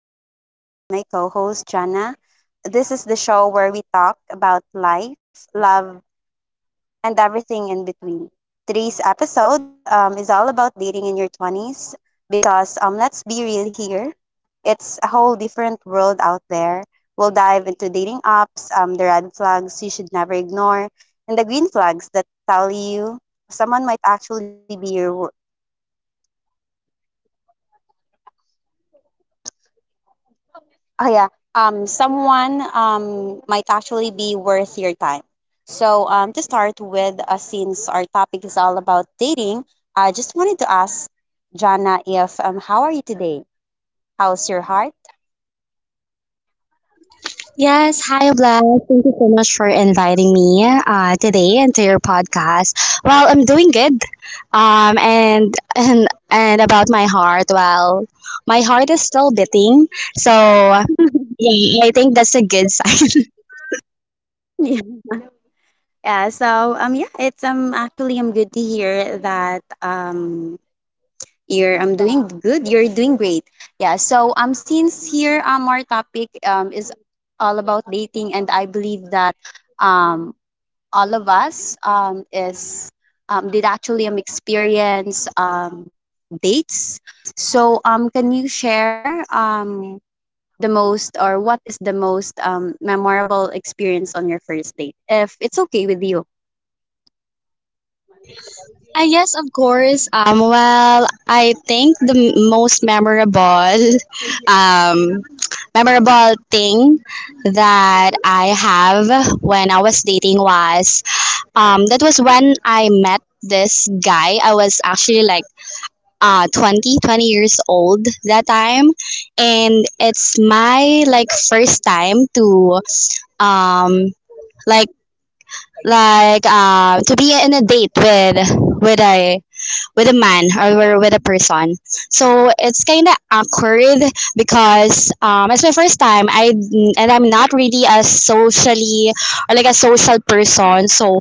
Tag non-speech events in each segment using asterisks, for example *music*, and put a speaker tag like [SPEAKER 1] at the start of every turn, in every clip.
[SPEAKER 1] Podcast together with my co host Jana. This is the show where we talk about life, love, and everything in between. Today's episode is all about dating in your 20s because let's be real here, it's a whole different world out there. We'll dive into dating apps, the red flags you should never ignore, and the green flags that tell you someone might actually be your... Oh yeah. Someone might actually be worth your time. So to start with, since our topic is all about dating, I just wanted to ask Jana if how are you today? How's your heart?
[SPEAKER 2] Yes, hi Vlad. Thank you so much for inviting me today into your podcast. Well, I'm doing good. And *laughs* and about my heart, well, my heart is still beating, so
[SPEAKER 1] *laughs*
[SPEAKER 2] yeah, I think that's a good sign.
[SPEAKER 1] Yeah. Yeah, so yeah, it's actually I'm good to hear that you're I'm doing good. You're doing great. Yeah, so since here our topic is all about dating, and I believe that um all of us is did actually experience dates. So can you share the most, or what is the most memorable experience on your first date, if it's okay with you?
[SPEAKER 2] Ah, yes, of course. Well, I think the most memorable, *laughs* um, memorable thing that I have when I was dating that was when I met this guy. I was actually like, 20 years old that time. And it's my, like, first time um, like, to be in a date with a, with a man or with a person. So it's kind of awkward because it's my first time. I and I'm not really a socially or like a social person. So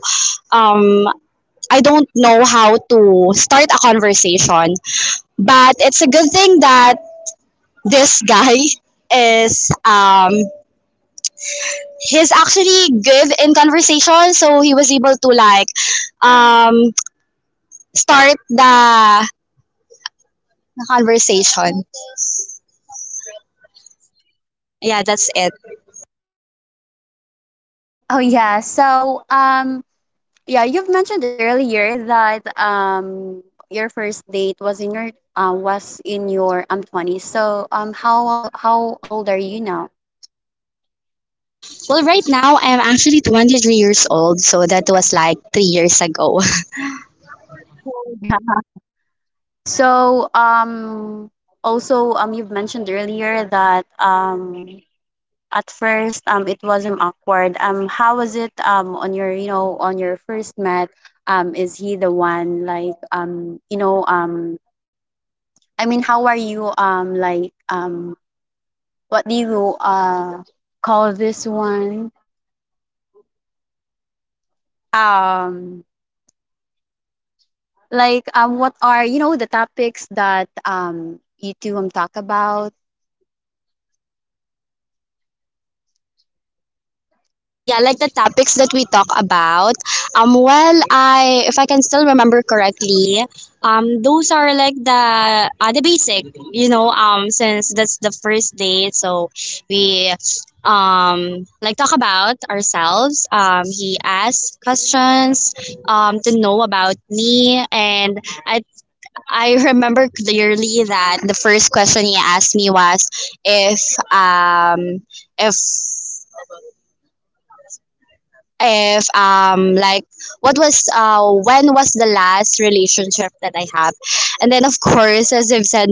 [SPEAKER 2] um, I don't know how to start a conversation. But it's a good thing that this *laughs* guy is he's actually good in conversation, so he was able to like um start the conversation. Yeah, that's it.
[SPEAKER 1] Oh yeah. So yeah, you've mentioned earlier that your first date was in your twenties. So how old are you now?
[SPEAKER 2] Well, right now I'm actually 23 years old, so that was like 3 years ago. *laughs*
[SPEAKER 1] So, also, you've mentioned earlier that at first, it was not awkward. How was it on your, you know, on your first met? Is he the one like, you know, I mean, how are you, like, what do you call this one? Um, like, what are, you know, the topics that you two talk about?
[SPEAKER 2] Yeah, like the topics that we talk about. Well, I if I can still remember correctly, those are like the basic, since that's the first date, so we like talk about ourselves. He asks questions to know about me, and I *laughs* remember clearly that the first question he asked me was if um if if like what was when was the last relationship that I have. And then, of course, as I've said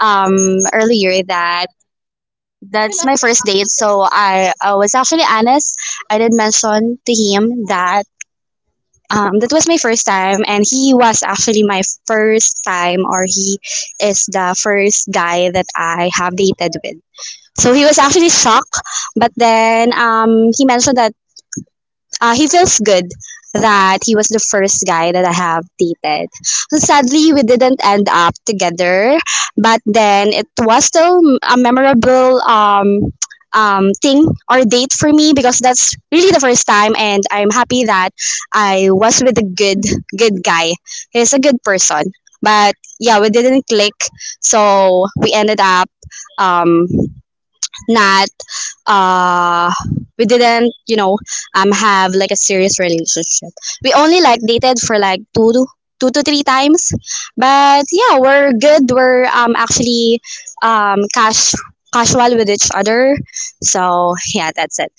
[SPEAKER 2] um earlier, that that's my first date, so I was actually honest. I did mention to him that. That was my first time, and he was actually my first time, or he is the first guy that I have dated with. So he was actually shocked, but then he mentioned that he feels good that he was the first guy that I have dated. So sadly, we didn't end up together, but then it was still a memorable thing or date for me, because that's really the first time, and I'm happy that I was with a good guy. He's a good person, but yeah, we didn't click, so we ended up um, that uh, we didn't, you know, have like a serious relationship. We only like dated for like two to three times, but yeah, we're good. We're actually cash casual with each other. So yeah, that's it.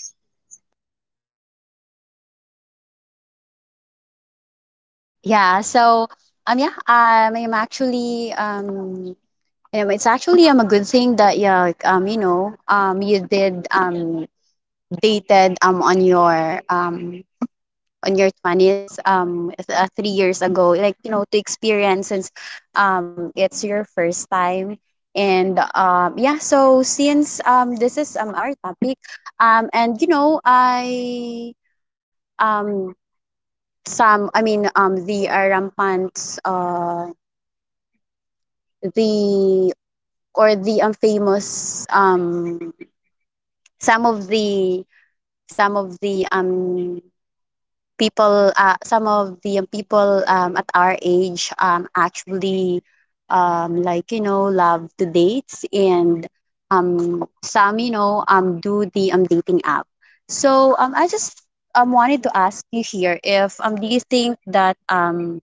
[SPEAKER 1] Yeah, so yeah, I'm actually you know, it's actually a good thing that yeah like, you know you did dated on your 20s 3 years ago, like you know, to experience since it's your first time. And so since this is our topic and you know I um some, I mean the rampant the or the famous, some of the some of the people, some of the young people at our age actually like you know love to dates, and some you know do the dating app. So I just wanted to ask you here if do you think that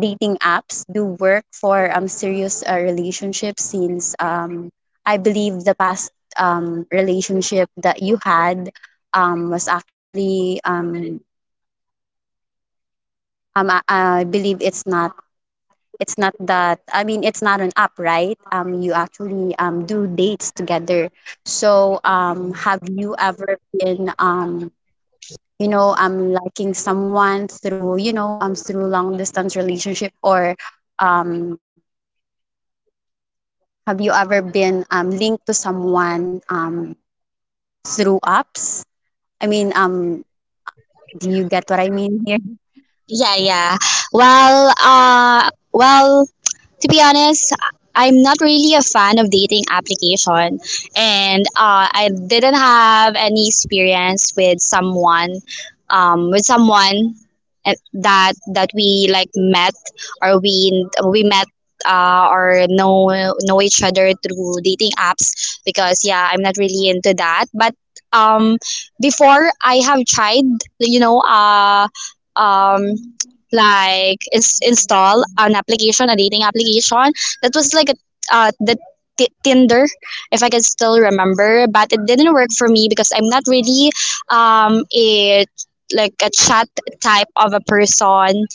[SPEAKER 1] dating apps do work for serious relationships since I believe the past relationship that you had was actually I believe it's not. It's not that. I mean, it's not an app, right? You actually do dates together. So have you ever been you know, liking someone through you know through long distance relationship, or um, have you ever been linked to someone through apps? I mean, do you get what I mean here?
[SPEAKER 2] Yeah, yeah. Well, well, to be honest, I'm not really a fan of dating application, and I didn't have any experience with someone that we like met or we met. Or know each other through dating apps, because yeah, I'm not really into that. But um before, I have tried you know uh um, like is install an application, a dating application that was like a the t- Tinder, if I can still remember. But it didn't work for me because I'm not really a like a chat type of a person.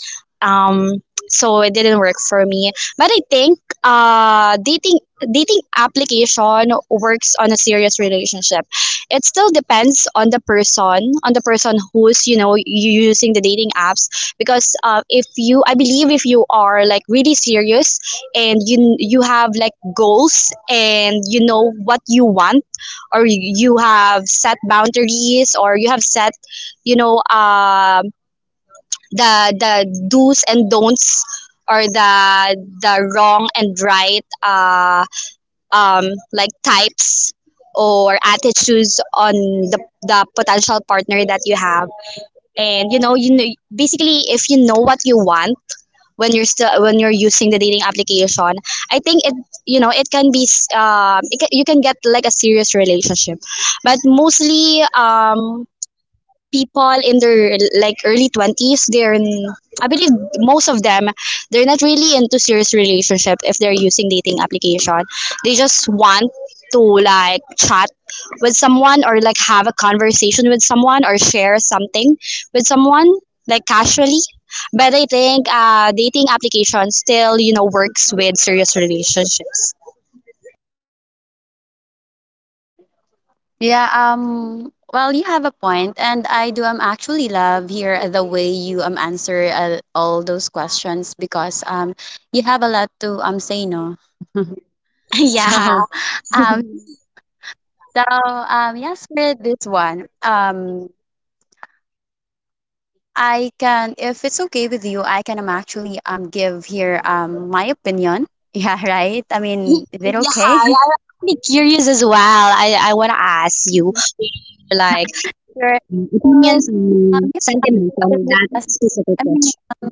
[SPEAKER 2] Um, so it didn't work for me. But I think dating application works on a serious relationship. It still depends on the person who's you know you using the dating apps, because if you, I believe, if you are like really serious, and you have like goals, and you know what you want, or you have set boundaries, or you have set you know um the do's and don'ts, or the wrong and right um, like types or attitudes on the potential partner that you have, and basically if you know what you want when you're still when you're using the dating application, I think it, it can be, it can, you can get like a serious relationship. But mostly, people in their like early 20s, I believe most of them, they're not really into serious relationship. If they're using dating application, they just want to like chat with someone, or like have a conversation with someone, or share something with someone like casually. But I think dating application still works with serious relationships.
[SPEAKER 1] Yeah, well, you have a point, and I do actually love here the way you answer all those questions because you have a lot to say no. *laughs*
[SPEAKER 2] *laughs* Yeah.
[SPEAKER 1] So, um, yes, for this one I can, if it's okay with you, I can actually give here my opinion. *laughs* Yeah, right. I mean, is it
[SPEAKER 2] Yeah,
[SPEAKER 1] okay?
[SPEAKER 2] I'm actually curious as well. I want to ask you, like,
[SPEAKER 1] *laughs* Sure. So
[SPEAKER 2] opinions
[SPEAKER 1] um yeah,
[SPEAKER 2] and sentiments on that
[SPEAKER 1] I
[SPEAKER 2] specific
[SPEAKER 1] mean,
[SPEAKER 2] question.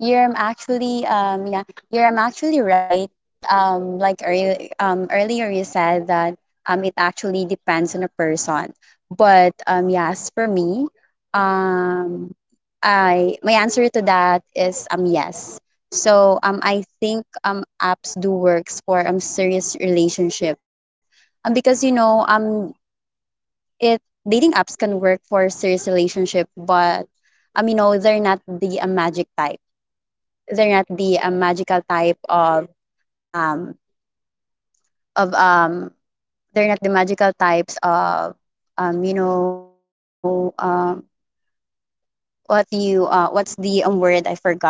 [SPEAKER 1] You're um, actually um yeah, you're actually right. Like earlier you said that it actually depends on a person. But yes, for me, um I my answer to that is yes. So I think apps do works for serious relationship. Because you know it dating apps can work for serious relationship, but you know they're not the magical type um of they're not the magical types of um you know um what you what's the word, I forgot.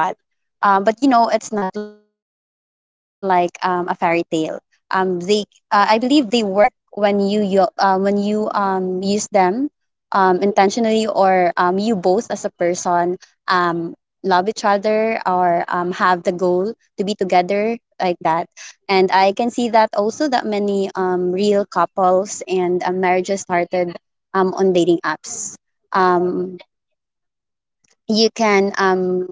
[SPEAKER 1] But you know, it's not like a fairy tale. They I believe they work when you use them intentionally, or you both as a person um, love each other, or have the goal to be together like that. And I can see that also that many real couples and marriages started on dating apps. um you can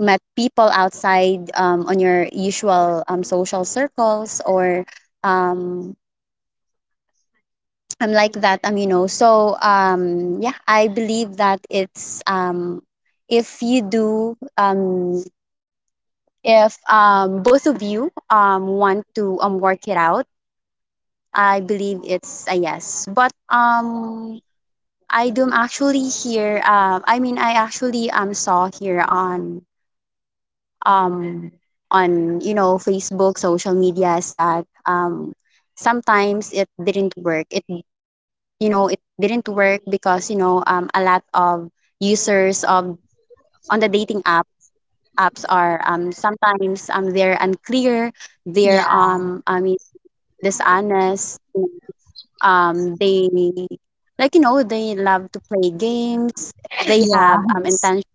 [SPEAKER 1] met people outside on your usual social circles or um, I'm like that you know, so yeah, I believe that it's if you do um if both of you want to work it out, I believe it's a yes. But I do actually here I mean I actually saw here um, on you know Facebook, social medias that sometimes it didn't work. It didn't work because you know a lot of users of on the dating apps are sometimes they're unclear. They're
[SPEAKER 2] Yeah,
[SPEAKER 1] I mean dishonest. They like you know they love to play games. They
[SPEAKER 2] yeah,
[SPEAKER 1] have
[SPEAKER 2] yes.
[SPEAKER 1] intention,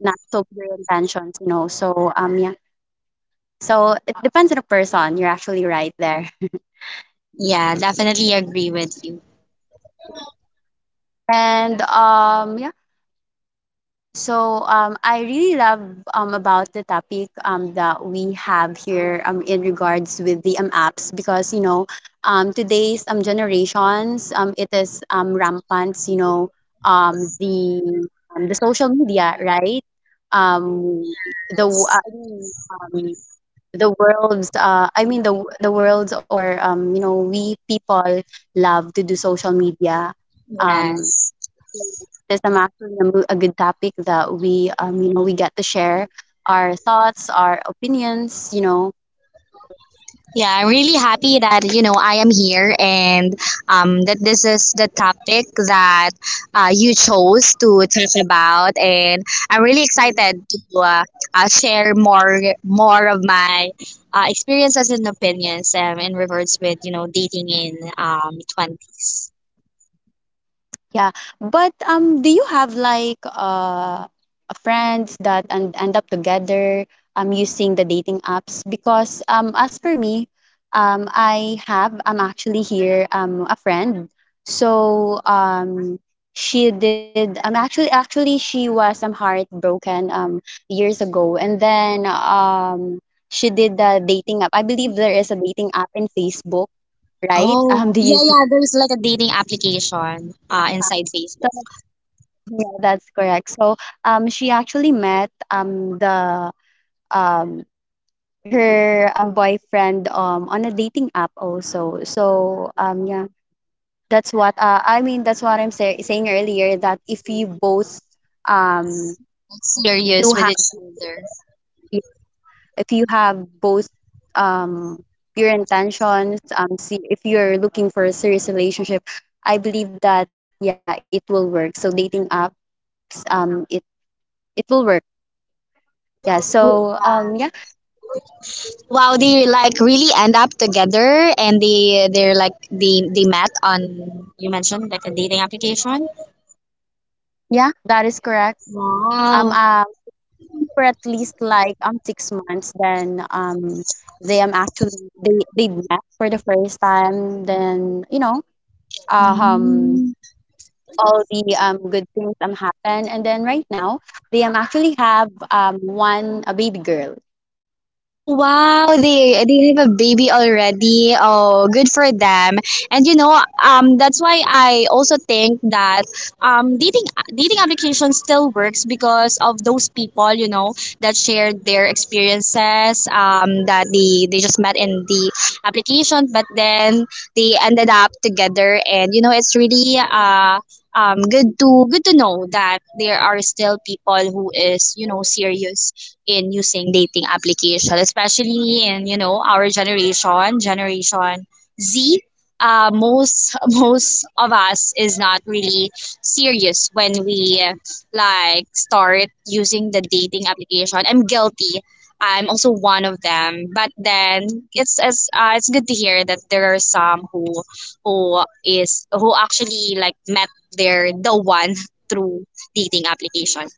[SPEAKER 1] not so pure intentions. You know, so So it depends on the person. You're actually right there.
[SPEAKER 2] Yeah, definitely agree with you.
[SPEAKER 1] And So I really love about the topic that we have here in regards with the apps, because you know today's generations it is rampant, you know, um the the social media, right? Um the w- uh,
[SPEAKER 2] Yes,
[SPEAKER 1] I mean, the world's I mean the world's, or you know, we people love to do social media. um
[SPEAKER 2] yes.
[SPEAKER 1] this is actually a, a good topic that we you know we get to share our thoughts, our opinions, you know.
[SPEAKER 2] Yeah, I'm really happy that you know I am here, and that this is the topic that you chose to talk about, and I'm really excited to share more of my experiences and opinions in regards with dating in twenties.
[SPEAKER 1] Yeah, but do you have like a friends that and end up together using the dating apps? Because as for me, I'm actually here a friend. So she did actually she was heartbroken years ago, and then she did the dating app. I believe there is a dating app in Facebook, right? *laughs*
[SPEAKER 2] Oh
[SPEAKER 1] Do you
[SPEAKER 2] yeah,
[SPEAKER 1] see?
[SPEAKER 2] yeah. There's like a dating application inside Facebook.
[SPEAKER 1] Yeah, that's correct. So, she actually met the um her boyfriend on a dating app also. So, yeah, that's what I mean. That's what I'm saying earlier, that if you both um
[SPEAKER 2] It's serious
[SPEAKER 1] do
[SPEAKER 2] with
[SPEAKER 1] have
[SPEAKER 2] each other.
[SPEAKER 1] if you have both um your intentions see, if you're looking for a serious relationship, I believe that yeah, it will work. So dating apps um it it will work. Yeah. So
[SPEAKER 2] Wow, they like really end up together, and they met on, you mentioned, like a dating application.
[SPEAKER 1] Yeah, that is correct. Um,
[SPEAKER 2] Wow.
[SPEAKER 1] um, for at least like 6 months, then they met for the first time. Then you know uh, um
[SPEAKER 2] Mm.
[SPEAKER 1] all the good things happen, and then right now they am actually have one, a baby girl.
[SPEAKER 2] Oh wow, they have a baby already. Oh, good for them. And that's why I also think that dating application still works, because of those people that shared their experiences. That they just met in the application, but then they ended up together, and it's really good to know that there are still people who is serious in using dating application, especially in our generation, Generation Z. Most *laughs* most of us is not really serious when we like start using the dating application. I'm guilty. I'm also one of them. But then it's good to hear that there are some who is who actually like met the one *laughs* through dating application.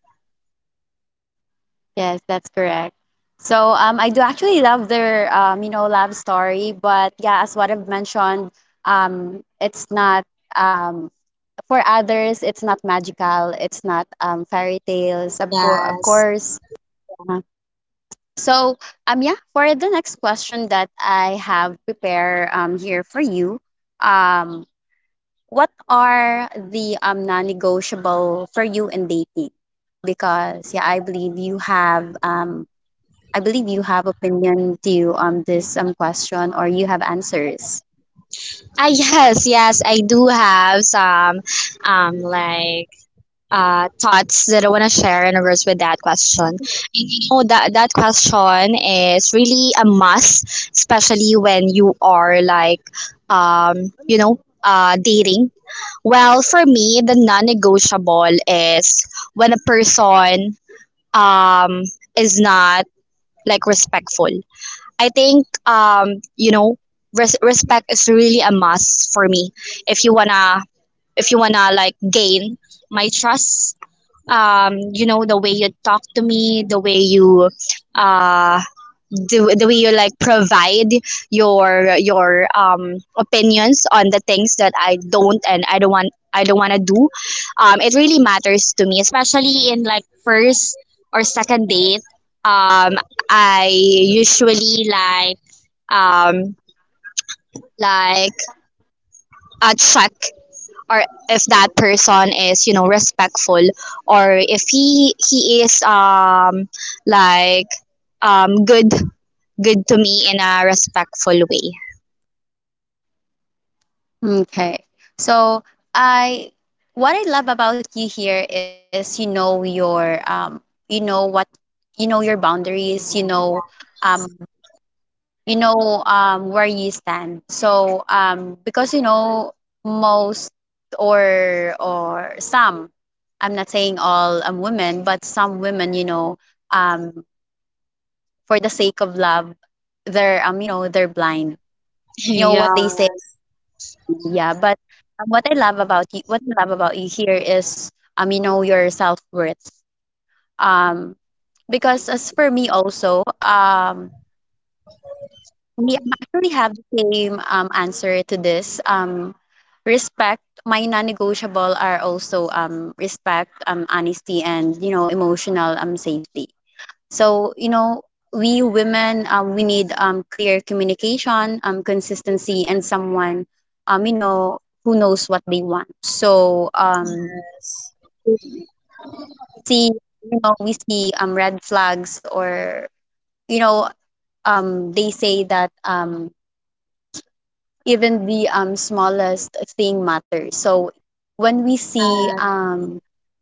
[SPEAKER 1] Yes, that's correct. So I do actually love their you know love story, but yeah, as what I've mentioned, it's not um for others it's not magical, it's not fairy tales, of of
[SPEAKER 2] Yes.
[SPEAKER 1] course. Uh, so yeah for the next question that I have prepared here for you, um what are the non-negotiable for you in dating, because yeah, I believe you have opinion to this question, or you have answers.
[SPEAKER 2] I yes, yes, I do have some like thoughts that I want to share in regards with that question. You know that question is really a must, especially when you are like um you know dating. Well, for me, the non-negotiable is when a person um is not like respectful. I think respect is really a must for me. If you wanna, like gain my trust, you know, the way you talk to me, uh, the way you like provide your opinions on the things that I don't and I don't want to do, it really matters to me, especially in like first or second date. um I usually like um like check or if that person is respectful, or if he is like um good good to me in a respectful way.
[SPEAKER 1] Okay. So I what I love about you here is you know your you know what, you know your boundaries, um you know where you stand. So because you know most or some, I'm not saying all women, but some women, you know, um for the sake of love, they're you know, they're blind. You know what they say.
[SPEAKER 2] Yes.
[SPEAKER 1] Yeah, but what I love about you here is, you know, your self-worth. Um, because as for me also, we actually have the same answer to this. Respect, my non-negotiable are also respect, honesty, and you know, emotional safety. So, you know, we women, we need clear communication, consistency, and someone, you know, who knows what they want. So, see, you know, we see red flags, or, you know, they say that even the smallest thing matters. So when we see
[SPEAKER 2] Yeah.
[SPEAKER 1] um,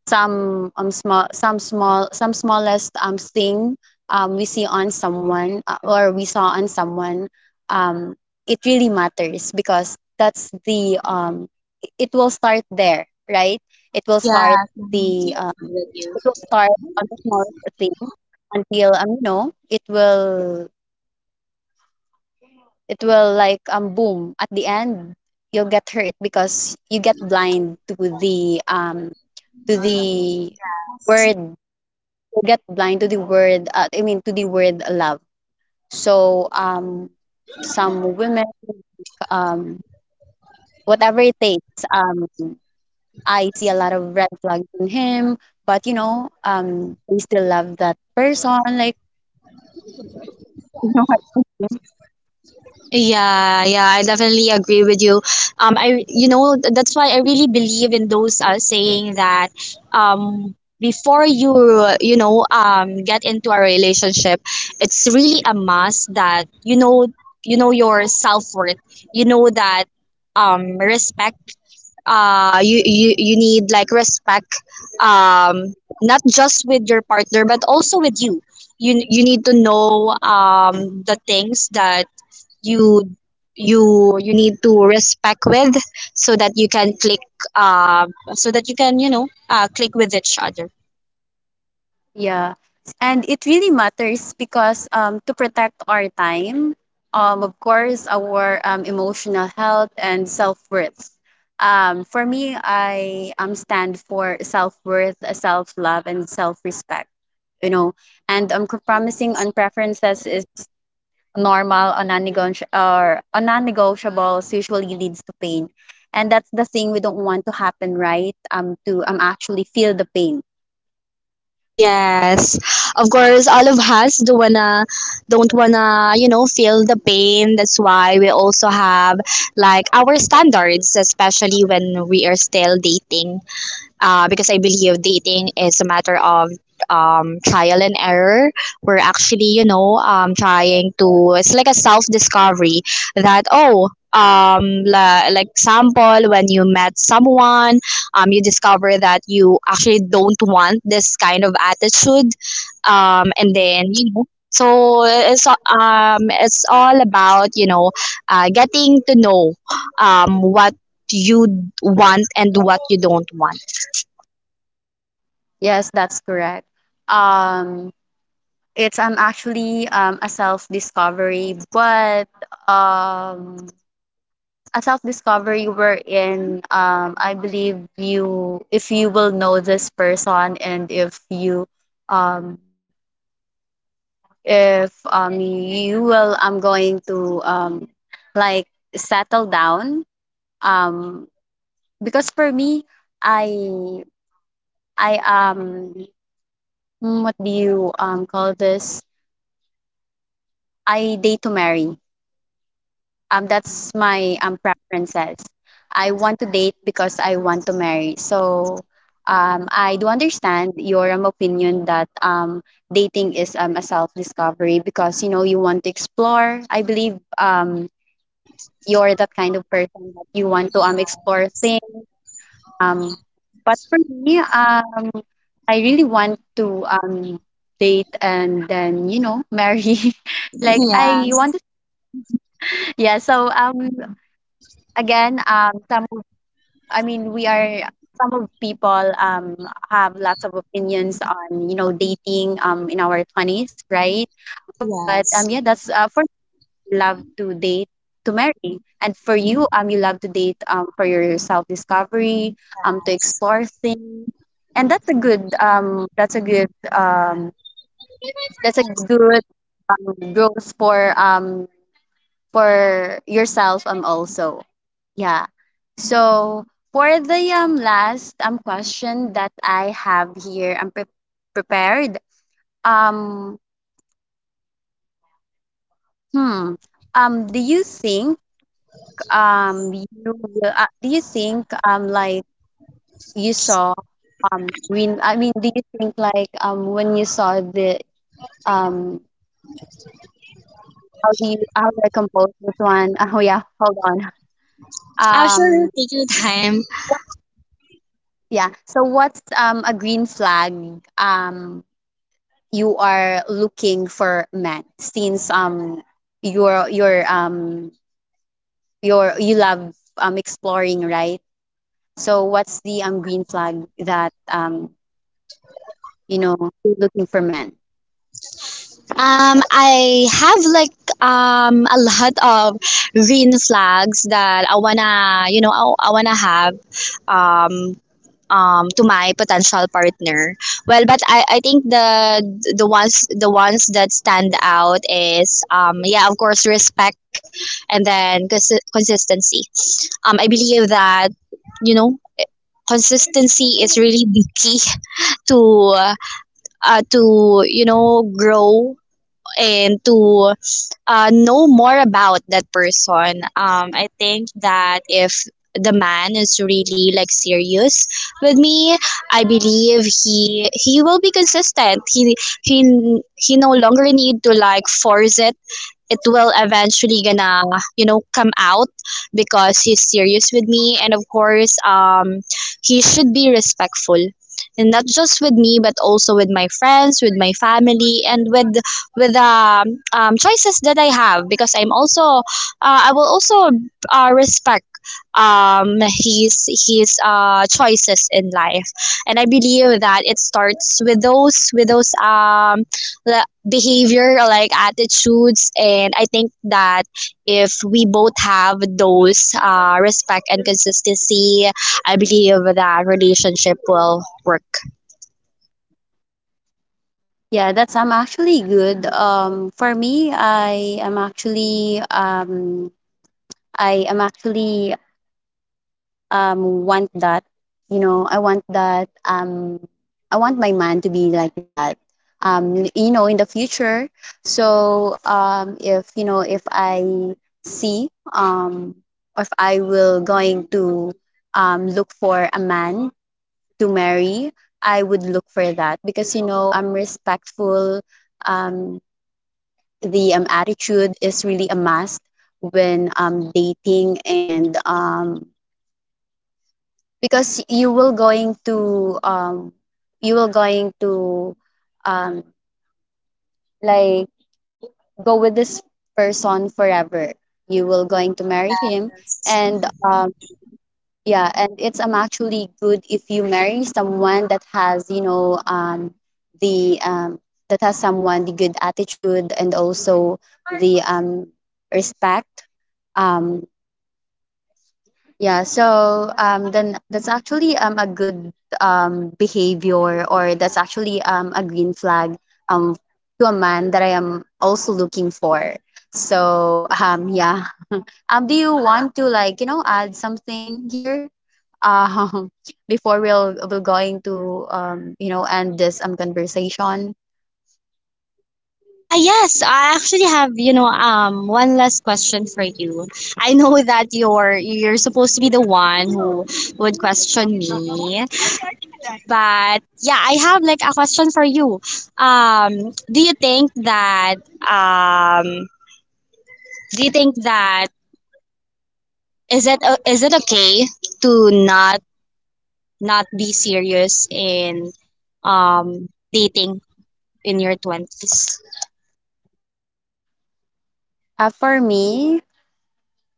[SPEAKER 1] some um, small, some small, some smallest thing we see on someone or we saw on someone, um, it really matters, because that's the it will start there, right? It will start
[SPEAKER 2] Yeah.
[SPEAKER 1] the
[SPEAKER 2] Definitely agree with you.
[SPEAKER 1] it will start on the smallest thing until it will like boom at the end. You'll get hurt because you get blind to the word. You get blind to the word to the word love. So some women, um whatever it takes, I see a lot of red flags in him, but they still love that person, like *laughs* you know what I mean.
[SPEAKER 2] Yeah, yeah, I definitely agree with you. I, you know, th- That's why I really believe in those saying that, um, before you get into a relationship, it's really a must that you know your self worth. You know that, respect, you need like respect, um not just with your partner but also with you. You need to know the things that you you need to respect with, so that you can click uh, so that you can click with each other.
[SPEAKER 1] Yeah. And it really matters because, to protect our time, of course, our emotional health and self worth. For me, I stand for self worth, self love, and self respect, you know. And compromising on preferences is normal, or non-negotiable, or on non-negotiables usually leads to pain. And that's the thing we don't want to happen, right? To actually feel the pain.
[SPEAKER 2] Yes, of course, all of us don't wanna, feel the pain. That's why we also have like our standards, especially when we are still dating, because I believe dating is a matter of trial and error. We're actually, trying to, it's like a self discovery, that, oh, like sample, when you met someone, you discover that you actually don't want this kind of attitude, and then so it's all about getting to know, what you want and what you don't want.
[SPEAKER 1] Yes, that's correct. Um, it's actually a self-discovery, but um a self-discovery wherein I believe you if you will know this person and um if you will, I'm going to like settle down, um because for me, I I um mm, what do you call this I date to marry. That's my preferences. I want to date because I want to marry. So I do understand your opinion that, dating is, a self discovery, because you know you want to explore. I believe you're that kind of person that you want to explore things. Um, but for me, I really want to date and then you know marry. *laughs* Like I
[SPEAKER 2] Yes,
[SPEAKER 1] want to yeah. So again, some of- I mean, we are some of people have lots of opinions on you know dating in our twenties, right? But yeah,
[SPEAKER 2] yes.
[SPEAKER 1] that's for me, love to date to marry, and for you you love to date for your self discovery, to explore things, and that's a good that's a good that's a good growth for yourself also. Yeah. So for the last question that I have here, I'm prepared. Um hmm. Do you think you will, do you think like you saw when I mean do you think, like, when you saw the um how do you how do I compose this one? *laughs* Oh yeah, hold on.
[SPEAKER 2] Absolutely,
[SPEAKER 1] Um
[SPEAKER 2] take your time.
[SPEAKER 1] Yeah. So what's a green flag um you are looking for men, since you're you're um you love exploring, right? So what's the green flag that you know you're looking for men?
[SPEAKER 2] I have like a lot of green flags that I wanna, you know, I wanna have, um to my potential partner. Well, but I think the ones that stand out is yeah, of course, respect, and then consistency. I believe that you know consistency is really the key *laughs* to to grow, and to know more about that person. I think that if the man is really like serious with me, I believe he will be consistent. He no longer need to like force it. It will eventually gonna come out, because he's serious with me. And of course, he should be respectful, and not just with me but also with my friends, with my family, and with choices that I have, because I will also respect his choices in life. And I believe that it starts with those, the behavior, like attitudes, and I think that if we both have those respect and consistency, I believe that relationship will work.
[SPEAKER 1] Yeah, that's actually good. For me, I am actually want that, you know, I want that, I want my man to be like that, you know, in the future. So if you know if I see or if I will going to look for a man to marry, I would look for that because, you know, I'm respectful. um the attitude is really a must when dating. And because you will going to you will going to um like go with this person forever, you will going to marry him. And yeah, and it's actually good if you marry someone that has, you know, the that has someone the good attitude and also the respect. um Yeah, so then that's actually a good behavior, or that's actually a green flag, um, to a man that I am also looking for. So yeah. Do you want to, like, you know, add something here? Um, *laughs* before we'll going to, you know, end this conversation.
[SPEAKER 2] Ah, yes, I actually have, one last question for you. I know that you're supposed to be the one who would question me, but yeah, I have like a question for you. Um, do you think that um, do you think that Is it is it okay to not not be serious in dating in your twenties?
[SPEAKER 1] For me,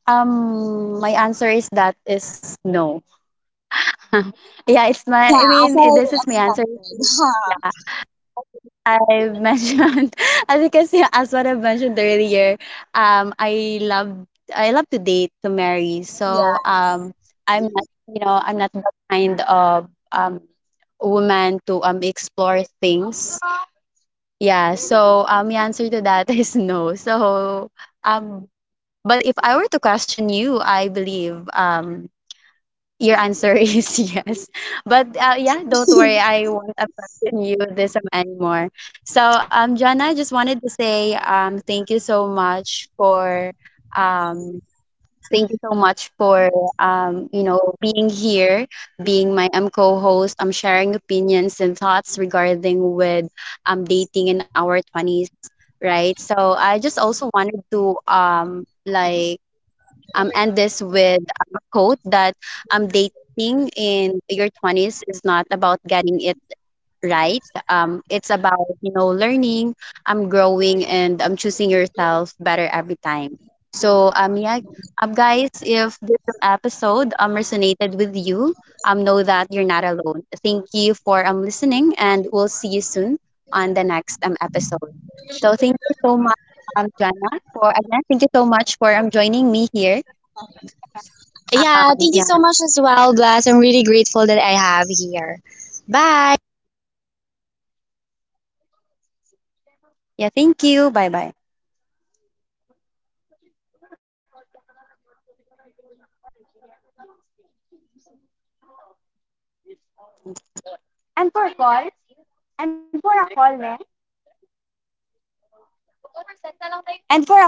[SPEAKER 1] my answer is that is no. Yeah, it's my. I
[SPEAKER 2] Yeah, as
[SPEAKER 1] mean, it,
[SPEAKER 2] I
[SPEAKER 1] this is my answer.
[SPEAKER 2] expected.
[SPEAKER 1] I've mentioned *laughs* as because yeah, as what I've mentioned earlier, I love, I love to date to marry.
[SPEAKER 2] *laughs*
[SPEAKER 1] So
[SPEAKER 2] Yeah.
[SPEAKER 1] I'm not, you know, I'm not the kind of woman to explore things. Yeah. So the answer to that *laughs* is no. So um, but if I were to question you, I believe your answer is *laughs* yes. But, yeah, don't worry, I won't abandon you this time anymore. So, Jana, I just wanted to say, thank you so much for, um, thank you so much for, you know, being here, being my co-host, I'm sharing opinions and thoughts regarding with, dating in our 20s, right? So, I just also wanted to, like, end this with a quote that dating in your 20s is not about getting it right. It's about, you know, learning, growing, and choosing yourself better every time. So, yeah, guys, if this episode resonated with you, know that you're not alone. Thank you for listening, and we'll see you soon on the next episode. So, thank you so much, Joanna, for again, thank you so much for joining me here,
[SPEAKER 2] Yeah, thank you so
[SPEAKER 1] yeah.
[SPEAKER 2] much as well, Bless. I'm really grateful that I have here. Bye.
[SPEAKER 1] Yeah, thank you. Bye bye. And for calls, and for a call, ma'am. And